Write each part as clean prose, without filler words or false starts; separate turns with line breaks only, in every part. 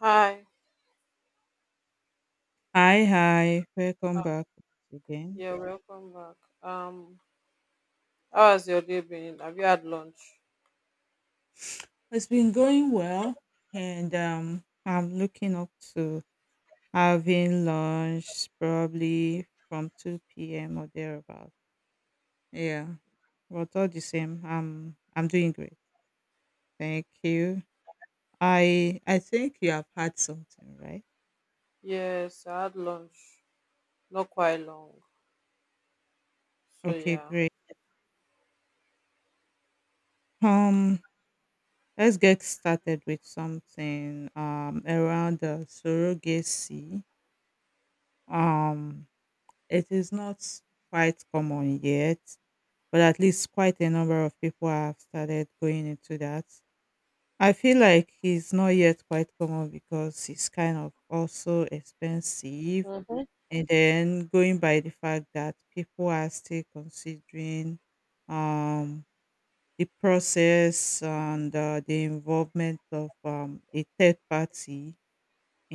Hi,
Hi, hi. Welcome back once again.
yeah, welcome back. Um, how has your day been? Have you had lunch?
It's been going well, and I'm looking up to having lunch probably from 2 p.m. or thereabout. Yeah, but all the same, I'm doing great. Thank you. I think you have had something, right?
Yes, I had lunch. Not quite long. So
Okay,
yeah.
great. Um, let's get started with something around the surrogacy. Um, It is not quite common yet, but at least quite a number of people have started going into that. I feel like it's not yet quite common because it's kind of also expensive.
Mm-hmm.
And then going by the fact that people are still considering um, the process and the involvement of a third party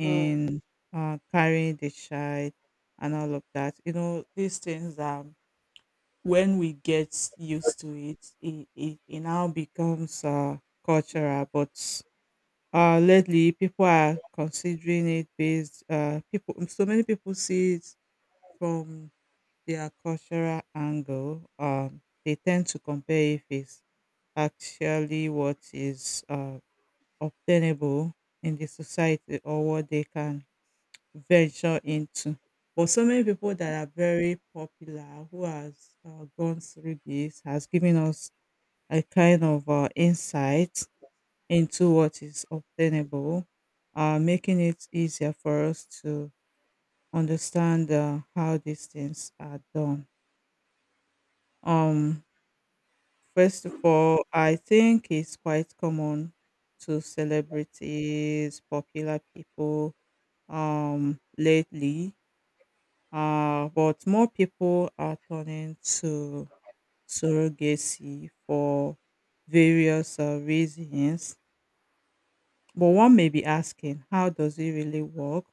Hmm.
carrying the child and all of that. You know, these things are when we get used to it, it now becomes cultural. But lately, people are considering it based. So many people see it from their cultural angle. They tend to compare if it's actually what is obtainable in the society or what they can venture into. But so many people that are very popular who has gone through this has given us a kind of insight into what is obtainable, making it easier for us to understand how these things are done. Um, First of all, I think it's quite common to celebrities, popular people lately. But more people are turning to surrogacy for various reasons. But one may be asking, how does it really work?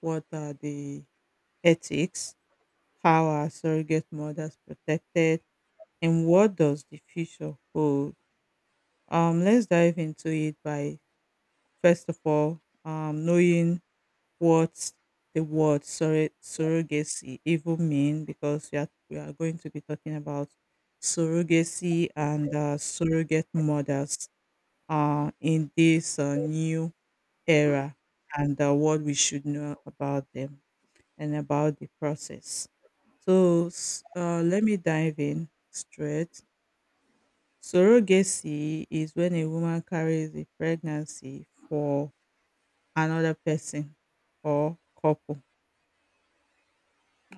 What are the ethics? How are surrogate mothers protected? And what does the future hold? Let's dive into it by, first of all, knowing what the surrogacy even mean because we are going to be talking about surrogacy and surrogate mothers in this new era and what we should know about them and about the process. So let me dive in straight. Surrogacy is when a woman carries a pregnancy for another person or couple.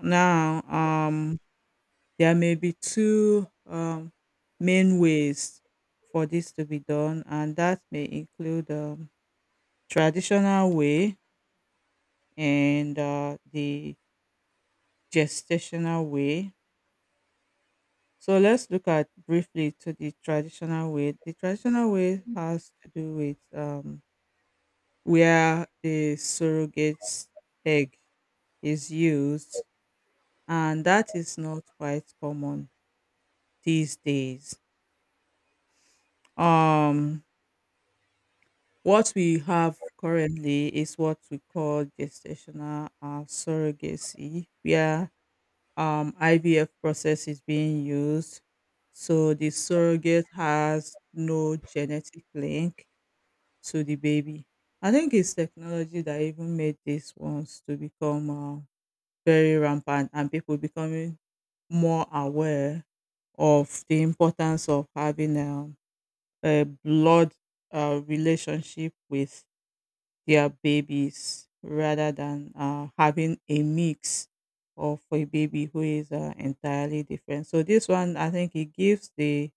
Now, there may be two main ways for this to be done, and that may include traditional way and the gestational way. So let's look at briefly to the traditional way. The traditional way has to do with where the surrogate egg is used, and that is not quite common these days. Um, What we have currently is what we call gestational surrogacy, where IVF process is being used. So the surrogate has no genetic link to the baby. I think it's technology that even made these ones to become very rampant and people becoming more aware of the importance of having a blood relationship with their babies rather than having a mix of a baby who is entirely different. So this one, I think, it gives the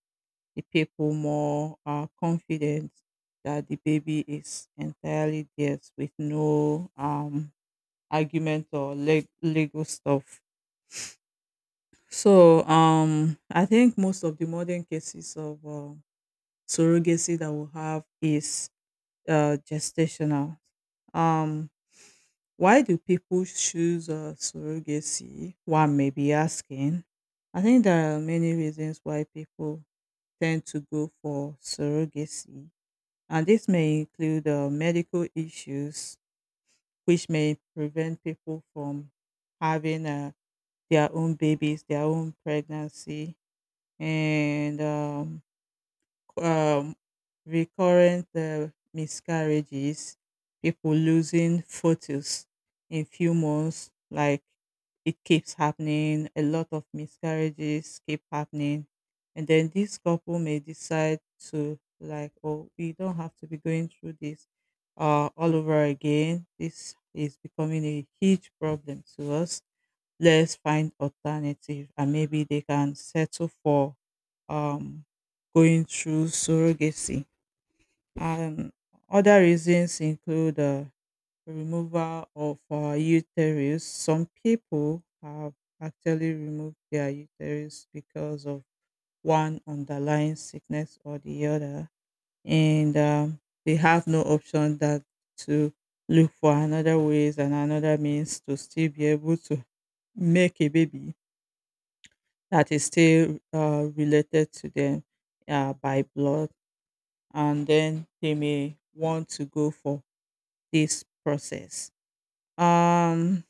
the people more confidence that the baby is entirely theirs with no argument or legal stuff. So I think most of the modern cases of surrogacy that we have is gestational. Um, why do people choose surrogacy? One may be asking. I think there are many reasons why people tend to go for surrogacy, and this may include medical issues, which may prevent people from having their own babies, their own pregnancy, and um, recurrent miscarriages, people losing photos in few months, like it keeps happening. A lot of miscarriages keep happening, and then this couple may decide to like, oh, we don't have to be going through this all over again. This is becoming a huge problem to us, let's find alternative and maybe they can settle for um, going through surrogacy. And other reasons include removal of uterus. Some people have actually removed their uterus because of one underlying sickness or the other, and they have no option that to look for another ways and another means to still be able to make a baby that is still related to them by blood, and then they may want to go for this process. Um,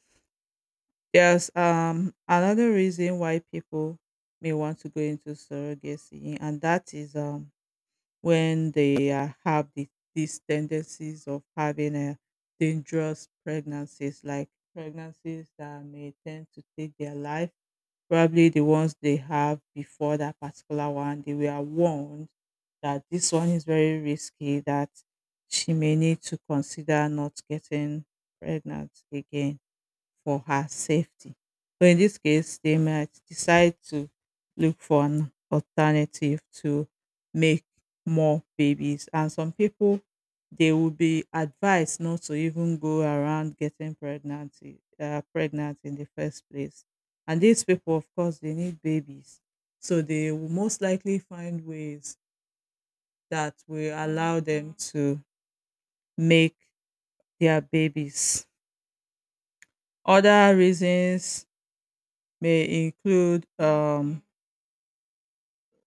there's another reason why people may want to go into surrogacy, and that is when they these tendencies of having a dangerous pregnancies, like pregnancies that may tend to take their life, probably the ones they have before that particular one, they were warned that this one is very risky, that she may need to consider not getting pregnant again for her safety. So in this case, they might decide to look for an alternative to make more babies. And some people, they will be advised not to even go around getting pregnant, pregnant in the first place. And these people, of course, they need babies. So they will most likely find ways that will allow them to make their babies. Other reasons may include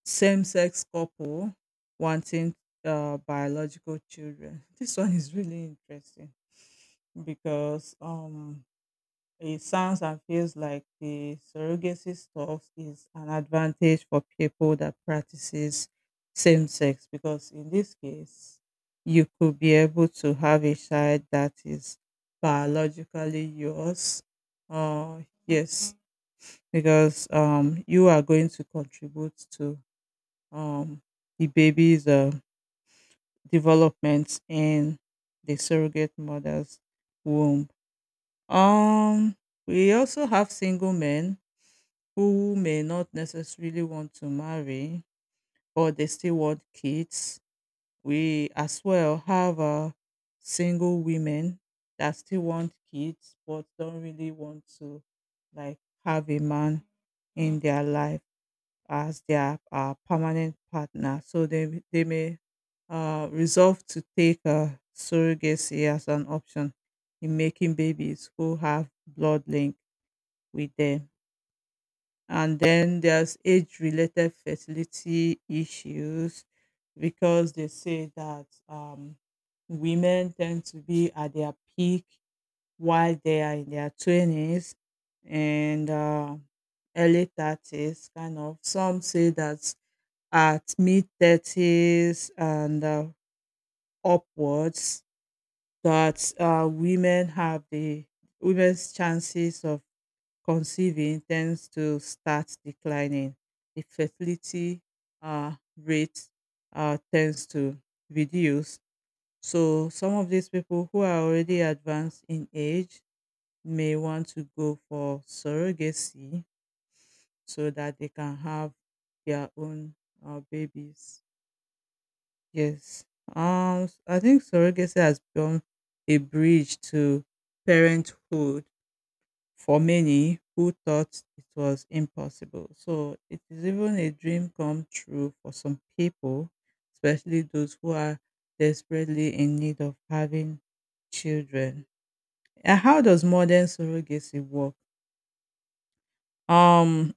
same sex couple wanting biological children. This one is really interesting because it sounds and feels like the surrogacy stuff is an advantage for people that practices same sex, because in this case you could be able to have a child that is biologically yours. Uh, yes, because you are going to contribute to um, the baby's development in the surrogate mother's womb. Um, we also have single men who may not necessarily want to marry, but they still want kids. We as well have single women that still want kids but don't really want to like have a man in their life as their permanent partner. So they may resolve to take surrogacy as an option in making babies who have blood link with them. And then there's age related fertility issues because they say that women tend to be at their peak while they are in their 20s and early 30s, kind of. Some say that at mid-30s and upwards that women have the women's chances of conceiving tends to start declining. The fertility rate tends to reduce. So some of these people who are already advanced in age may want to go for surrogacy so that they can have their own babies. Yes. I think surrogacy has become a bridge to parenthood for many who thought it was impossible. So it is even a dream come true for some people, especially those who are desperately in need of having children. And how does modern surrogacy work? Um,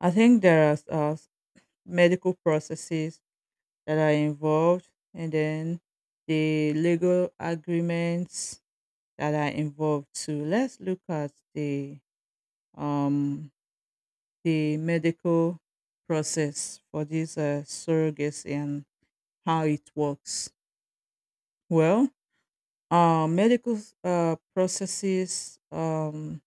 I think there are uh, medical processes that are involved and then the legal agreements that are involved too. Let's look at um the medical process for this surrogacy and how it works. Well, medical processes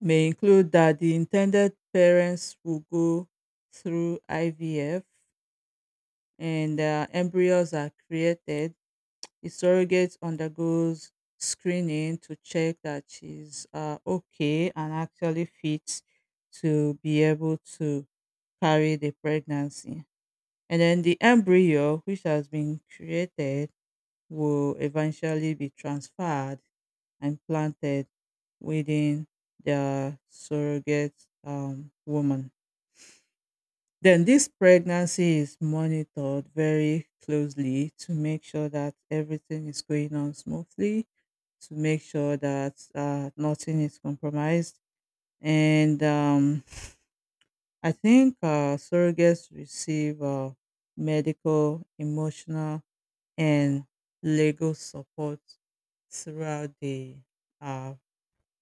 may include that the intended parents will go through IVF and embryos are created. The surrogate undergoes screening to check that she's okay and actually fit to be able to carry the pregnancy. And then the embryo, which has been created, will eventually be transferred and planted within the surrogate woman. Then this pregnancy is monitored very closely to make sure that everything is going on smoothly, to make sure that nothing is compromised. And I think surrogates receive medical, emotional, and legal support throughout the uh,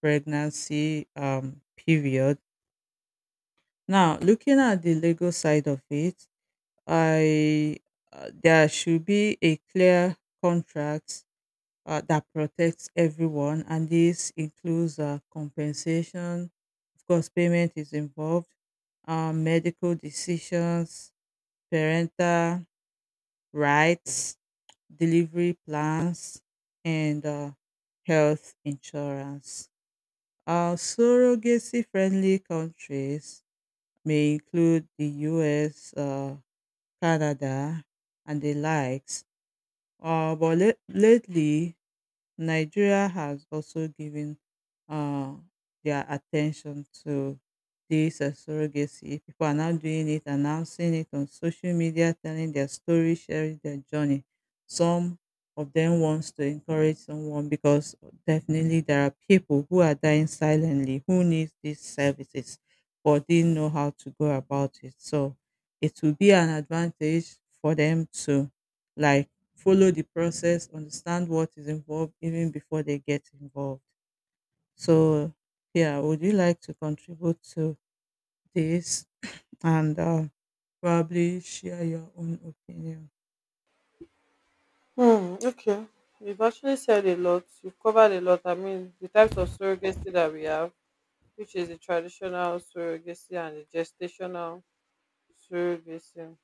pregnancy period. Now, looking at the legal side of it, I there should be a clear contract that protects everyone, and this includes compensation. Of course, payment is involved, medical decisions, parental rights, delivery plans, and health insurance. Surrogacy friendly countries may include the US, Canada, and the likes. Lately, Nigeria has also given uh, their attention to this surrogacy. People are now doing it, announcing it on social media, telling their story, sharing their journey. Some of them wants to encourage someone because definitely there are people who are dying silently who need these services but didn't know how to go about it. So it will be an advantage for them to like follow the process, understand what is involved even before they get involved. So, yeah, would you like to contribute to this and probably share your own opinion?
Hmm. Okay. You've actually said a lot. You've covered a lot. I mean, the types of surrogacy that we have, which is the traditional surrogacy and the gestational surrogacy.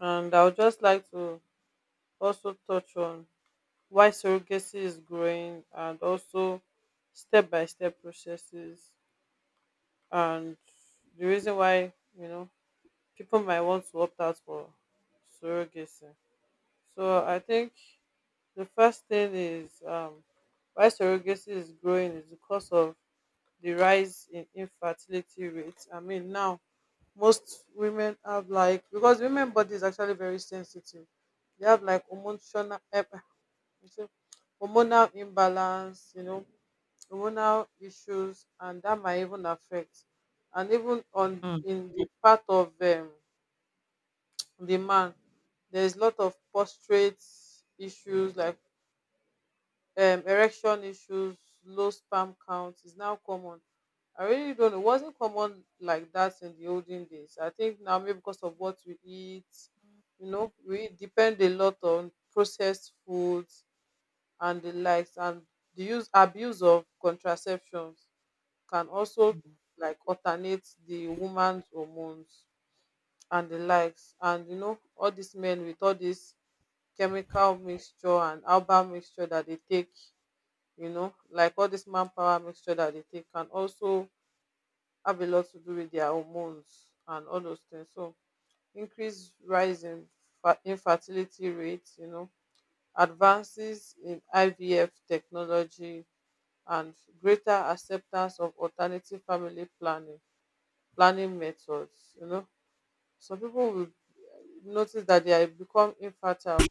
And I would just like to also touch on why surrogacy is growing, and also step by step processes. And the reason why, you know, people might want to opt out for surrogacy. So I think the first thing is, why surrogacy is growing is because of the rise in infertility rates. I mean, now most women have like, because women body is actually very sensitive. They have like hormonal, you see, hormonal imbalance, you know, hormonal issues, and that might even affect. And even on
Mm.
in the part of the man, there's a lot of prostate issues, like erection issues. Low sperm count is now common. I really don't know, it wasn't common like that in the olden days. I think now, maybe because of what we eat, you know, we depend a lot on processed foods and the likes. And the use abuse of contraceptions can also, like, alternate the woman's hormones and the likes. And you know, all these men with all this chemical mixture and herbal mixture that they take, you know, like all this manpower mixture that they take, can also have a lot to do with their hormones and all those things. So increase rise in infertility rates, you know, advances in IVF technology and greater acceptance of alternative family planning methods. You know, some people will, notice that they are become infertile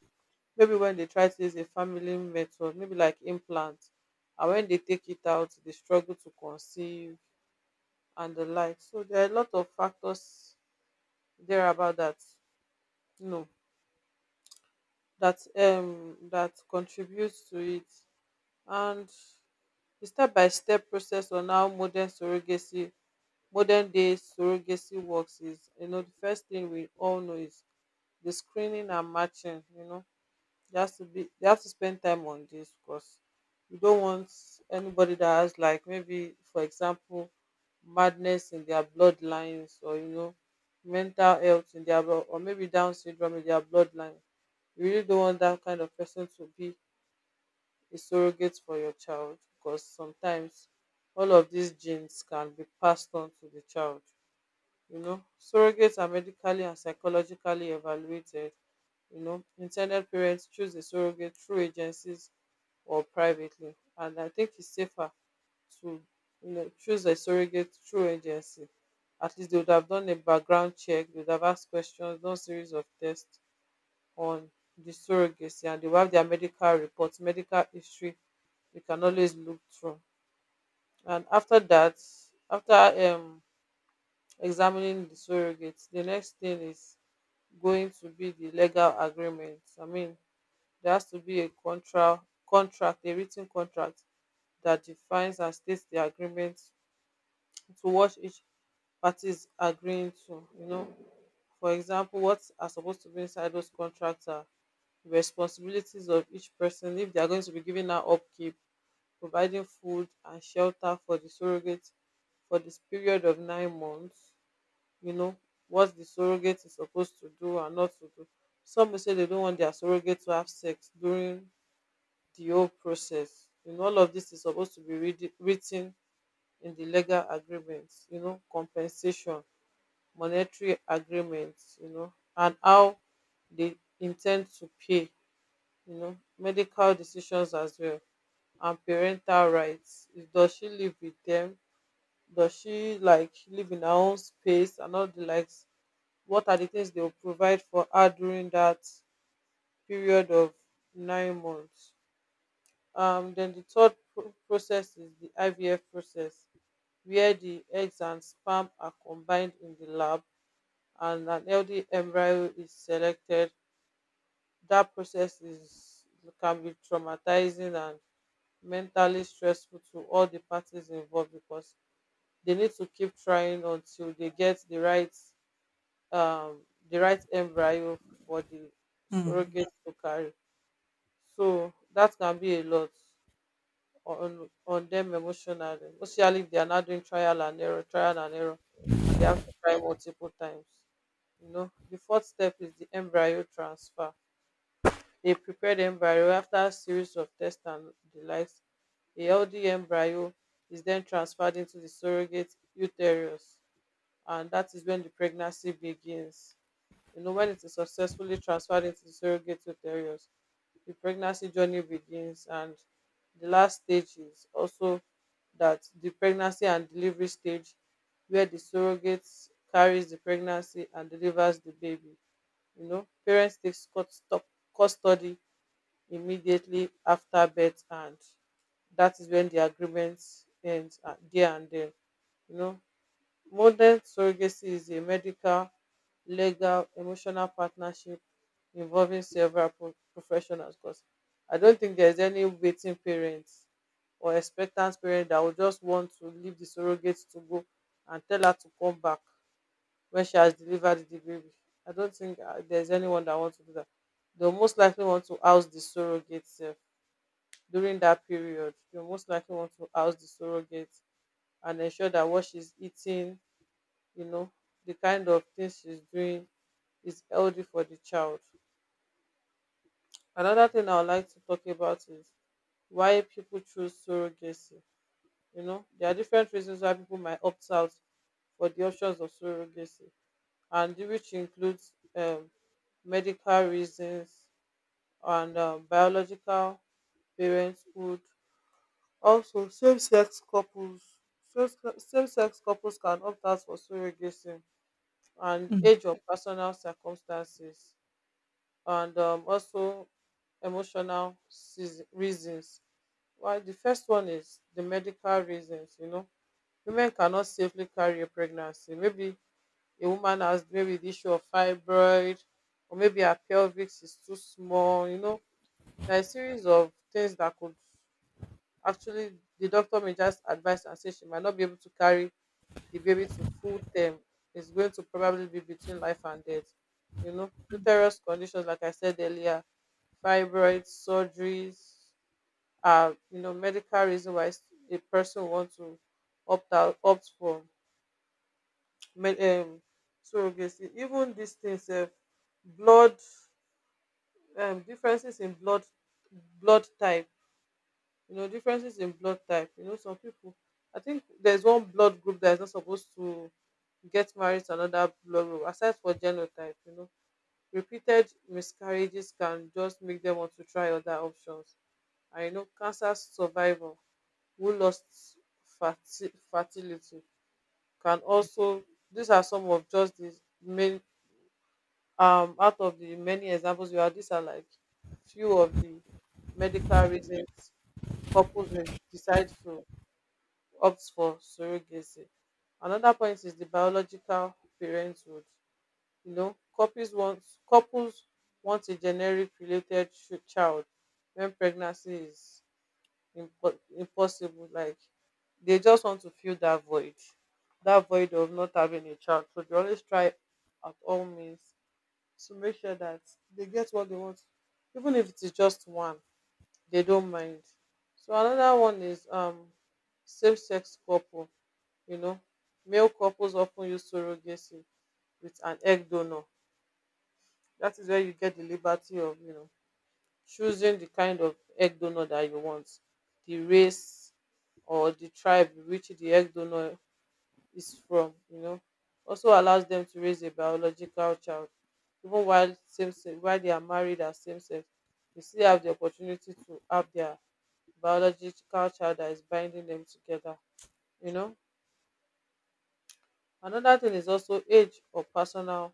maybe when they try to use a family method, maybe like implant, and when they take it out, they struggle to conceive and the like. So there are a lot of factors there about that. You know that that contributes to it. And the step by step process on how modern day surrogacy works is, you know, the first thing we all know is the screening and matching. You know, they have to spend time on this, because you don't want anybody that has like, maybe for example madness in their bloodlines, or you know, mental health in their or maybe Down syndrome in their bloodline. You really don't want that kind of person to be a surrogate for your child, because sometimes all of these genes can be passed on to the child. You know, surrogates are medically and psychologically evaluated. You know, intended parents choose a surrogate through agencies or privately, and I think it's safer to, choose a surrogate through agency. At least they would have done a background check, they would have asked questions, done series of tests on the surrogacy, and they will have their medical reports, medical history. You can always look through. And after that, after examining the surrogates, the next thing is going to be the legal agreement. I mean, there has to be a contract, a written contract that defines and states the agreement to what each party is agreeing to. You know, for example, what are supposed to be inside those contracts are: responsibilities of each person, if they are going to be giving out upkeep, providing food and shelter for the surrogate for this period of 9 months, you know, what the surrogate is supposed to do and not to do. Some will say they don't want their surrogate to have sex during the whole process. You know, all of this is supposed to be written in the legal agreements, you know, compensation, monetary agreements, you know, and how they intend to pay, you know, medical decisions as well, and parental rights. Does she live with them? Does she, like, live in her own space and all the likes? What are the things they will provide for her during that period of 9 months? Then the third process is the IVF process, where the eggs and sperm are combined in the lab, and an healthy embryo is selected. That process is can be traumatizing and mentally stressful to all the parties involved, because they need to keep trying until they get the right, um, the right embryo for the
Mm.
surrogate to carry. So that can be a lot on them emotionally, especially if they are not doing trial and error, and they have to try multiple times. You know, the fourth step is the embryo transfer. They prepare the embryo after a series of tests and the likes. A healthy embryo is then transferred into the surrogate uterus, and that is when the pregnancy begins. You know, when it is successfully transferred into surrogate uterus, the pregnancy journey begins, and the last stage is also that the pregnancy and delivery stage, where the surrogate carries the pregnancy and delivers the baby. You know, parents take custody immediately after birth, and that is when the agreement ends, there and then. You know, modern surrogacy is a medical, legal, emotional partnership involving several professionals, because I don't think there's any waiting parents or expectant parent that will just want to leave the surrogate, to go and tell her to come back when she has delivered the baby. I don't think, there's anyone that wants to do that. They'll most likely want to house the surrogate sef during that period. They'll most likely want to house the surrogate and ensure that what she's eating, you know, the kind of things she's doing, is healthy for the child. Another thing I would like to talk about is why people choose surrogacy. You know, there are different reasons why people might opt out for the options of surrogacy, and which includes, medical reasons, and biological parenthood. Also, same-sex couples can opt out for surrogacy, and
Mm.
age or personal circumstances. And also emotional reasons. Well, the first one is the medical reasons. You know, women cannot safely carry a pregnancy. Maybe a woman has maybe the issue of fibroid, or maybe her pelvic is too small. You know, there are a series of things that could actually, the doctor may just advise and say she might not be able to carry the baby to full term, is going to probably be between life and death. You know, uterus conditions, like I said earlier, fibroids, surgeries, you know, medical reason why a person wants to opt for med- um, surrogacy. Even these things, blood differences in blood type, you know, differences in blood type. You know, some people, I think there's one blood group that is not supposed to get married to another blood group aside for genotype. You know, repeated miscarriages can just make them want to try other options. And you know, cancer survivor who lost fertility can also, these are some of just the main, out of the many examples you have. These are like few of the medical reasons couples may decide to opt for surrogacy. Another point is the biological parenthood. You know, couples want a generic related child when pregnancy is impossible. Like, they just want to fill that void of not having a child. So they always try at all means to make sure that they get what they want, even if it is just one. They don't mind. So another one is, same sex couple. You know, male couples often use surrogacy with an egg donor. That is where you get the liberty of, you know, choosing the kind of egg donor that you want, the race or the tribe which the egg donor is from, you know. Also allows them to raise a biological child. Even while same sex, while they are married as same sex, they still have the opportunity to have their biological child that is binding them together, you know. Another thing is also age or personal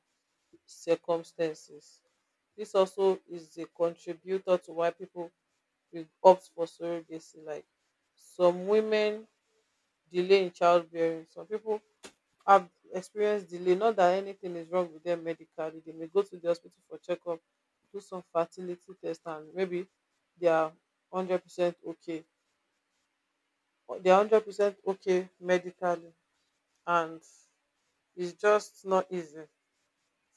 circumstances. This also is a contributor to why people will opt for surrogacy. Like, some women delay in childbearing, some people have experienced delay, not that anything is wrong with dem medically. They may go to the hospital for checkup, do some fertility test, and maybe they are 100% okay, they are 100% okay medically, and it's just not easy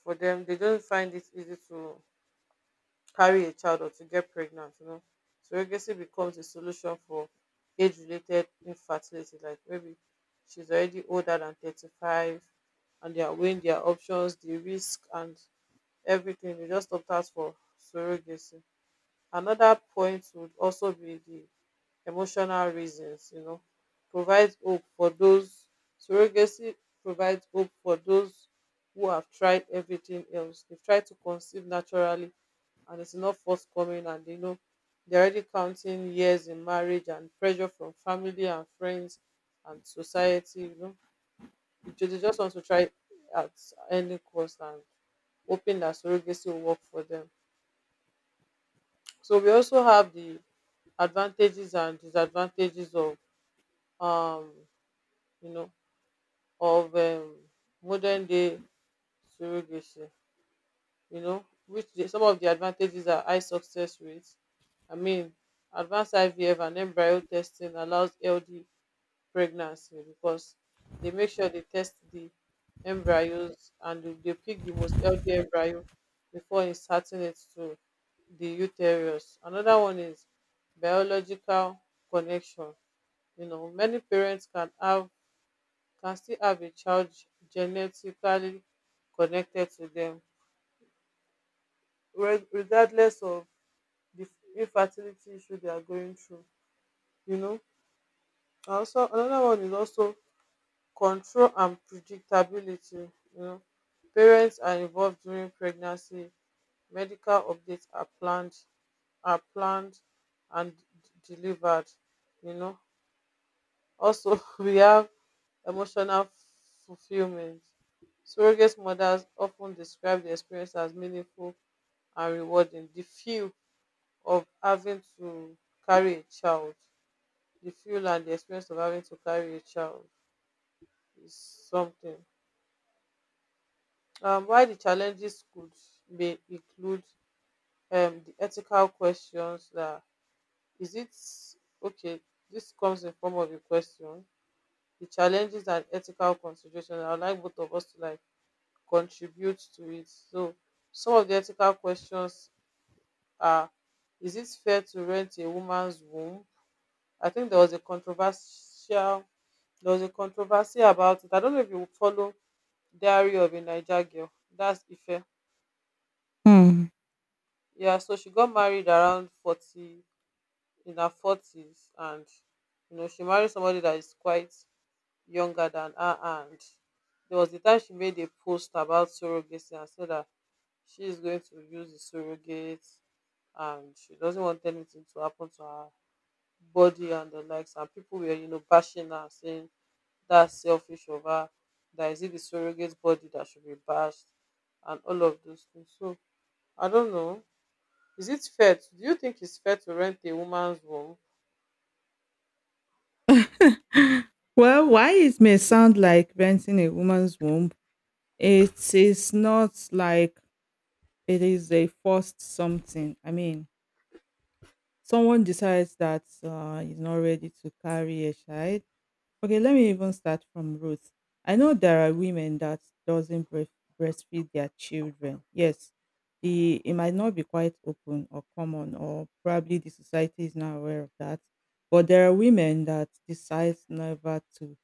for them. They don't find it easy to carry a child or to get pregnant, you know. So, surrogacy becomes a solution for age related infertility, like maybe she's already older than 35, and they are weighing their options, the risk and everything, they just opt out for surrogacy. Another point would also be the emotional reasons. You know, provides hope for those surrogacy provides hope for those who have tried everything else. They've tried to conceive naturally and it's not forthcoming, and you know, they're already counting years in marriage, and pressure from family and friends and society, you know. They just want to try at any cost, and hoping that surrogacy will work for them. So we also have the advantages and disadvantages um you know of modern day surrogacy. You know, some of the advantages are high success rates. I mean, advanced IVF and embryo testing allows healthy pregnancy, because they make sure they test the embryos, and they pick the most healthy embryo before inserting it to the uterus. Another one is biological connection. You know, many parents can still have a child genetically connected to them, regardless of the infertility issue they are going through, you know. And also another one is also control and predictability. You know, parents are involved during pregnancy, medical updates are planned and delivered, you know. Also we have emotional fulfillment. Surrogate mothers often describe the experience as meaningful and rewarding, the feel of having to carry a child the fuel and the experience of having to carry a child is something. Why the challenges could be include, the ethical questions. That, is it okay? This comes in form of a question. The challenges and ethical considerations. I would like both of us to, like, contribute to it. So some of the ethical questions are: is it fair to rent a woman's womb? I think there was a controversy about it. I don't know if you follow Diary of a Naija Girl. That's Ife.
Mm.
Yeah, so she got married around 40, in her 40s, and you know, she married somebody that is quite younger than her. And there was the time she made a post about surrogacy and said that she is going to use the surrogate, and she doesn't want anything to happen to her body and the likes. And people were, you know, bashing her, saying that's selfish of her, that is it the surrogate body that should be bashed, and all of those things. So I don't know. Is it fair? Do you think it's fair to rent a woman's womb?
Well, why it may sound like renting a woman's womb, it is not like it is a forced something. I mean, someone decides that he's not ready to carry a child. Okay, let me even start from roots. I know there are women that doesn't breast- breastfeed their children. Yes, the it might not be quite open or common, or probably the society is not aware of that. But there are women that decide never to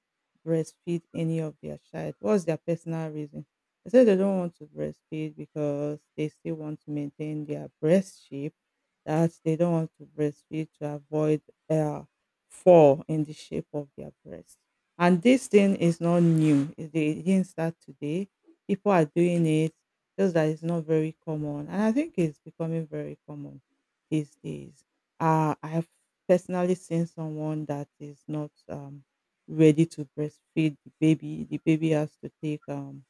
breastfeed any of their child. What's their personal reason? They say they don't want to breastfeed because they still want to maintain their breast shape. That they don't want to breastfeed to avoid uh, fall in the shape of their breast. And this thing is not new. It They didn't start today. People are doing it, just that it's not very common. And I think it's becoming very common these days. I have personally seen someone that is not ready to breastfeed the baby. The baby has to take,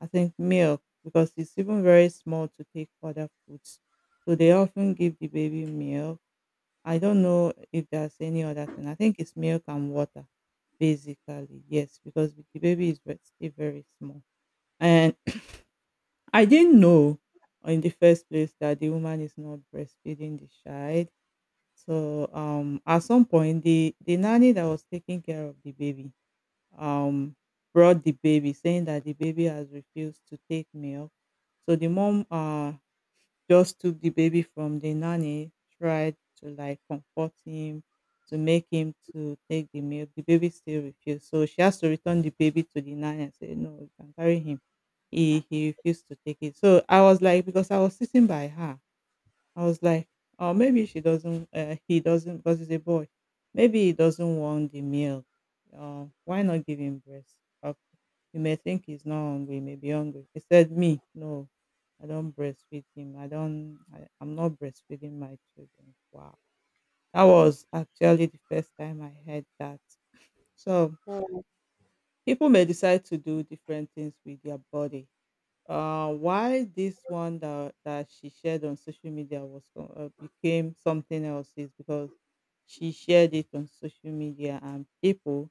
I think, milk because it's even very small to take other foods. So they often give the baby milk. I don't know if there's any other thing. I think it's milk and water, basically. Yes, because the baby is still very small. And I didn't know in the first place that the woman is not breastfeeding the child. So at some point, the nanny that was taking care of the baby um brought the baby, saying that the baby has refused to take milk. So the mom just took the baby from the nanny, tried to like comfort him, to make him to take the milk. The baby still refused. So she has to return the baby to the nanny and say, "No, you can carry him. He refused to take it." So I was like, because I was sitting by her, I was like, "Oh, maybe she doesn't, he doesn't, because he's a boy. Maybe he doesn't want the milk. Why not give him breast? Uh, You may think he's not hungry. He may be hungry." He said, "Me, no, I don't breastfeed him. I don't. I'm not breastfeeding my children." Wow, that was actually the first time I heard that. So
Mm.
people may decide to do different things with their body. Why this one that she shared on social media was became something else is because she shared it on social media, and people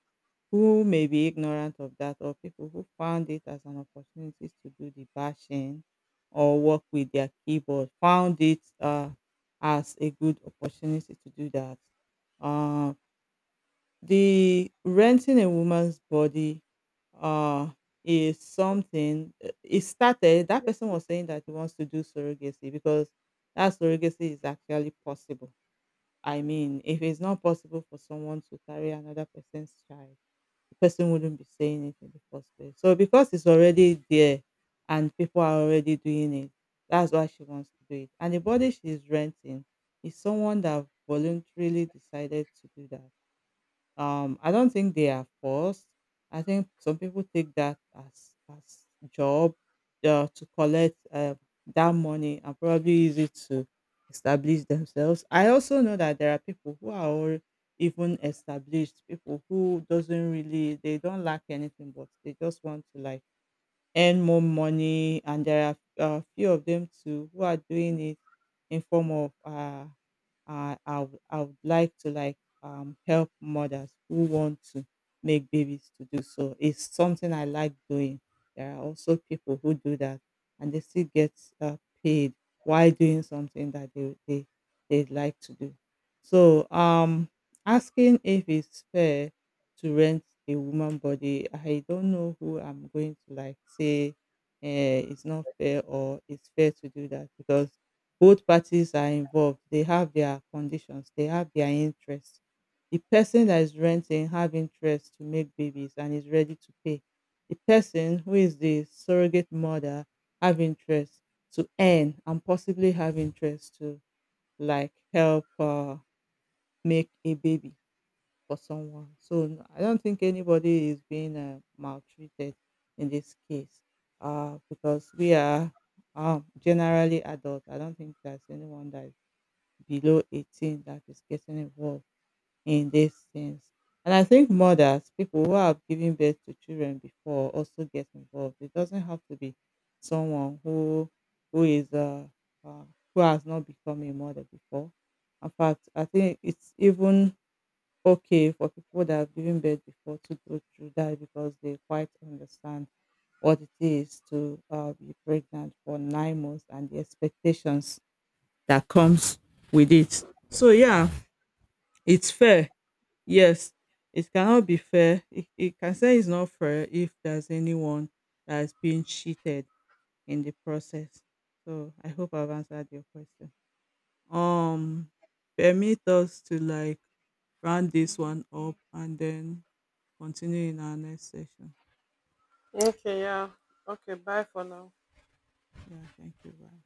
who may be ignorant of that, or people who found it as an opportunity to do the bashing or work with their keyboard, found it as a good opportunity to do that uh. The renting a woman's body uh is something, it started, that person was saying that he wants to do surrogacy because that surrogacy is actually possible. I mean, if it's not possible for someone to carry another person's child, the person wouldn't be saying it in the first place. So because it's already there and people are already doing it, that's why she wants to do it. And the body she's renting is someone that voluntarily decided to do that. I don't think they are forced. I think some people take that as job, to collect, that money and probably use it to establish themselves. I also know that there are people who are even established people who doesn't really, they don't lack anything, but they just want to like earn more money. And there are a few of them too who are doing it in form of I would like to like help mothers who want to make babies to do so. It's something I like doing. There are also people who do that and they still get uh, paid while doing something that they'd like to do. So asking if it's fair to rent a woman body, I don't know who I'm going to like say uh, it's not fair or it's fair to do that, because both parties are involved. They have their conditions, they have their interests. The person that is renting have interest to make babies and is ready to pay. The person who is the surrogate mother have interest to earn, and possibly have interest to like help, make a baby for someone. So I don't think anybody is being maltreated in this case, because we are, generally adult. I don't think there's anyone that is below 18 that is getting involved in these things. And I think mothers, people who have given birth to children before, also get involved. It doesn't have to be someone who is uh, who has not become a mother before. In fact, I think it's even okay for people that have given birth before to go through that, because they quite understand what it is to be pregnant for 9 months, and the expectations that comes with it. So yeah, it's fair. Yes, it cannot be fair. It can say it's not fair if there's anyone that is being cheated in the process. So I hope I've answered your question. Um, permit us to like round this one up and then continue in our next session.
Okay, yeah. Okay, bye for now.
Yeah, thank you. Bye.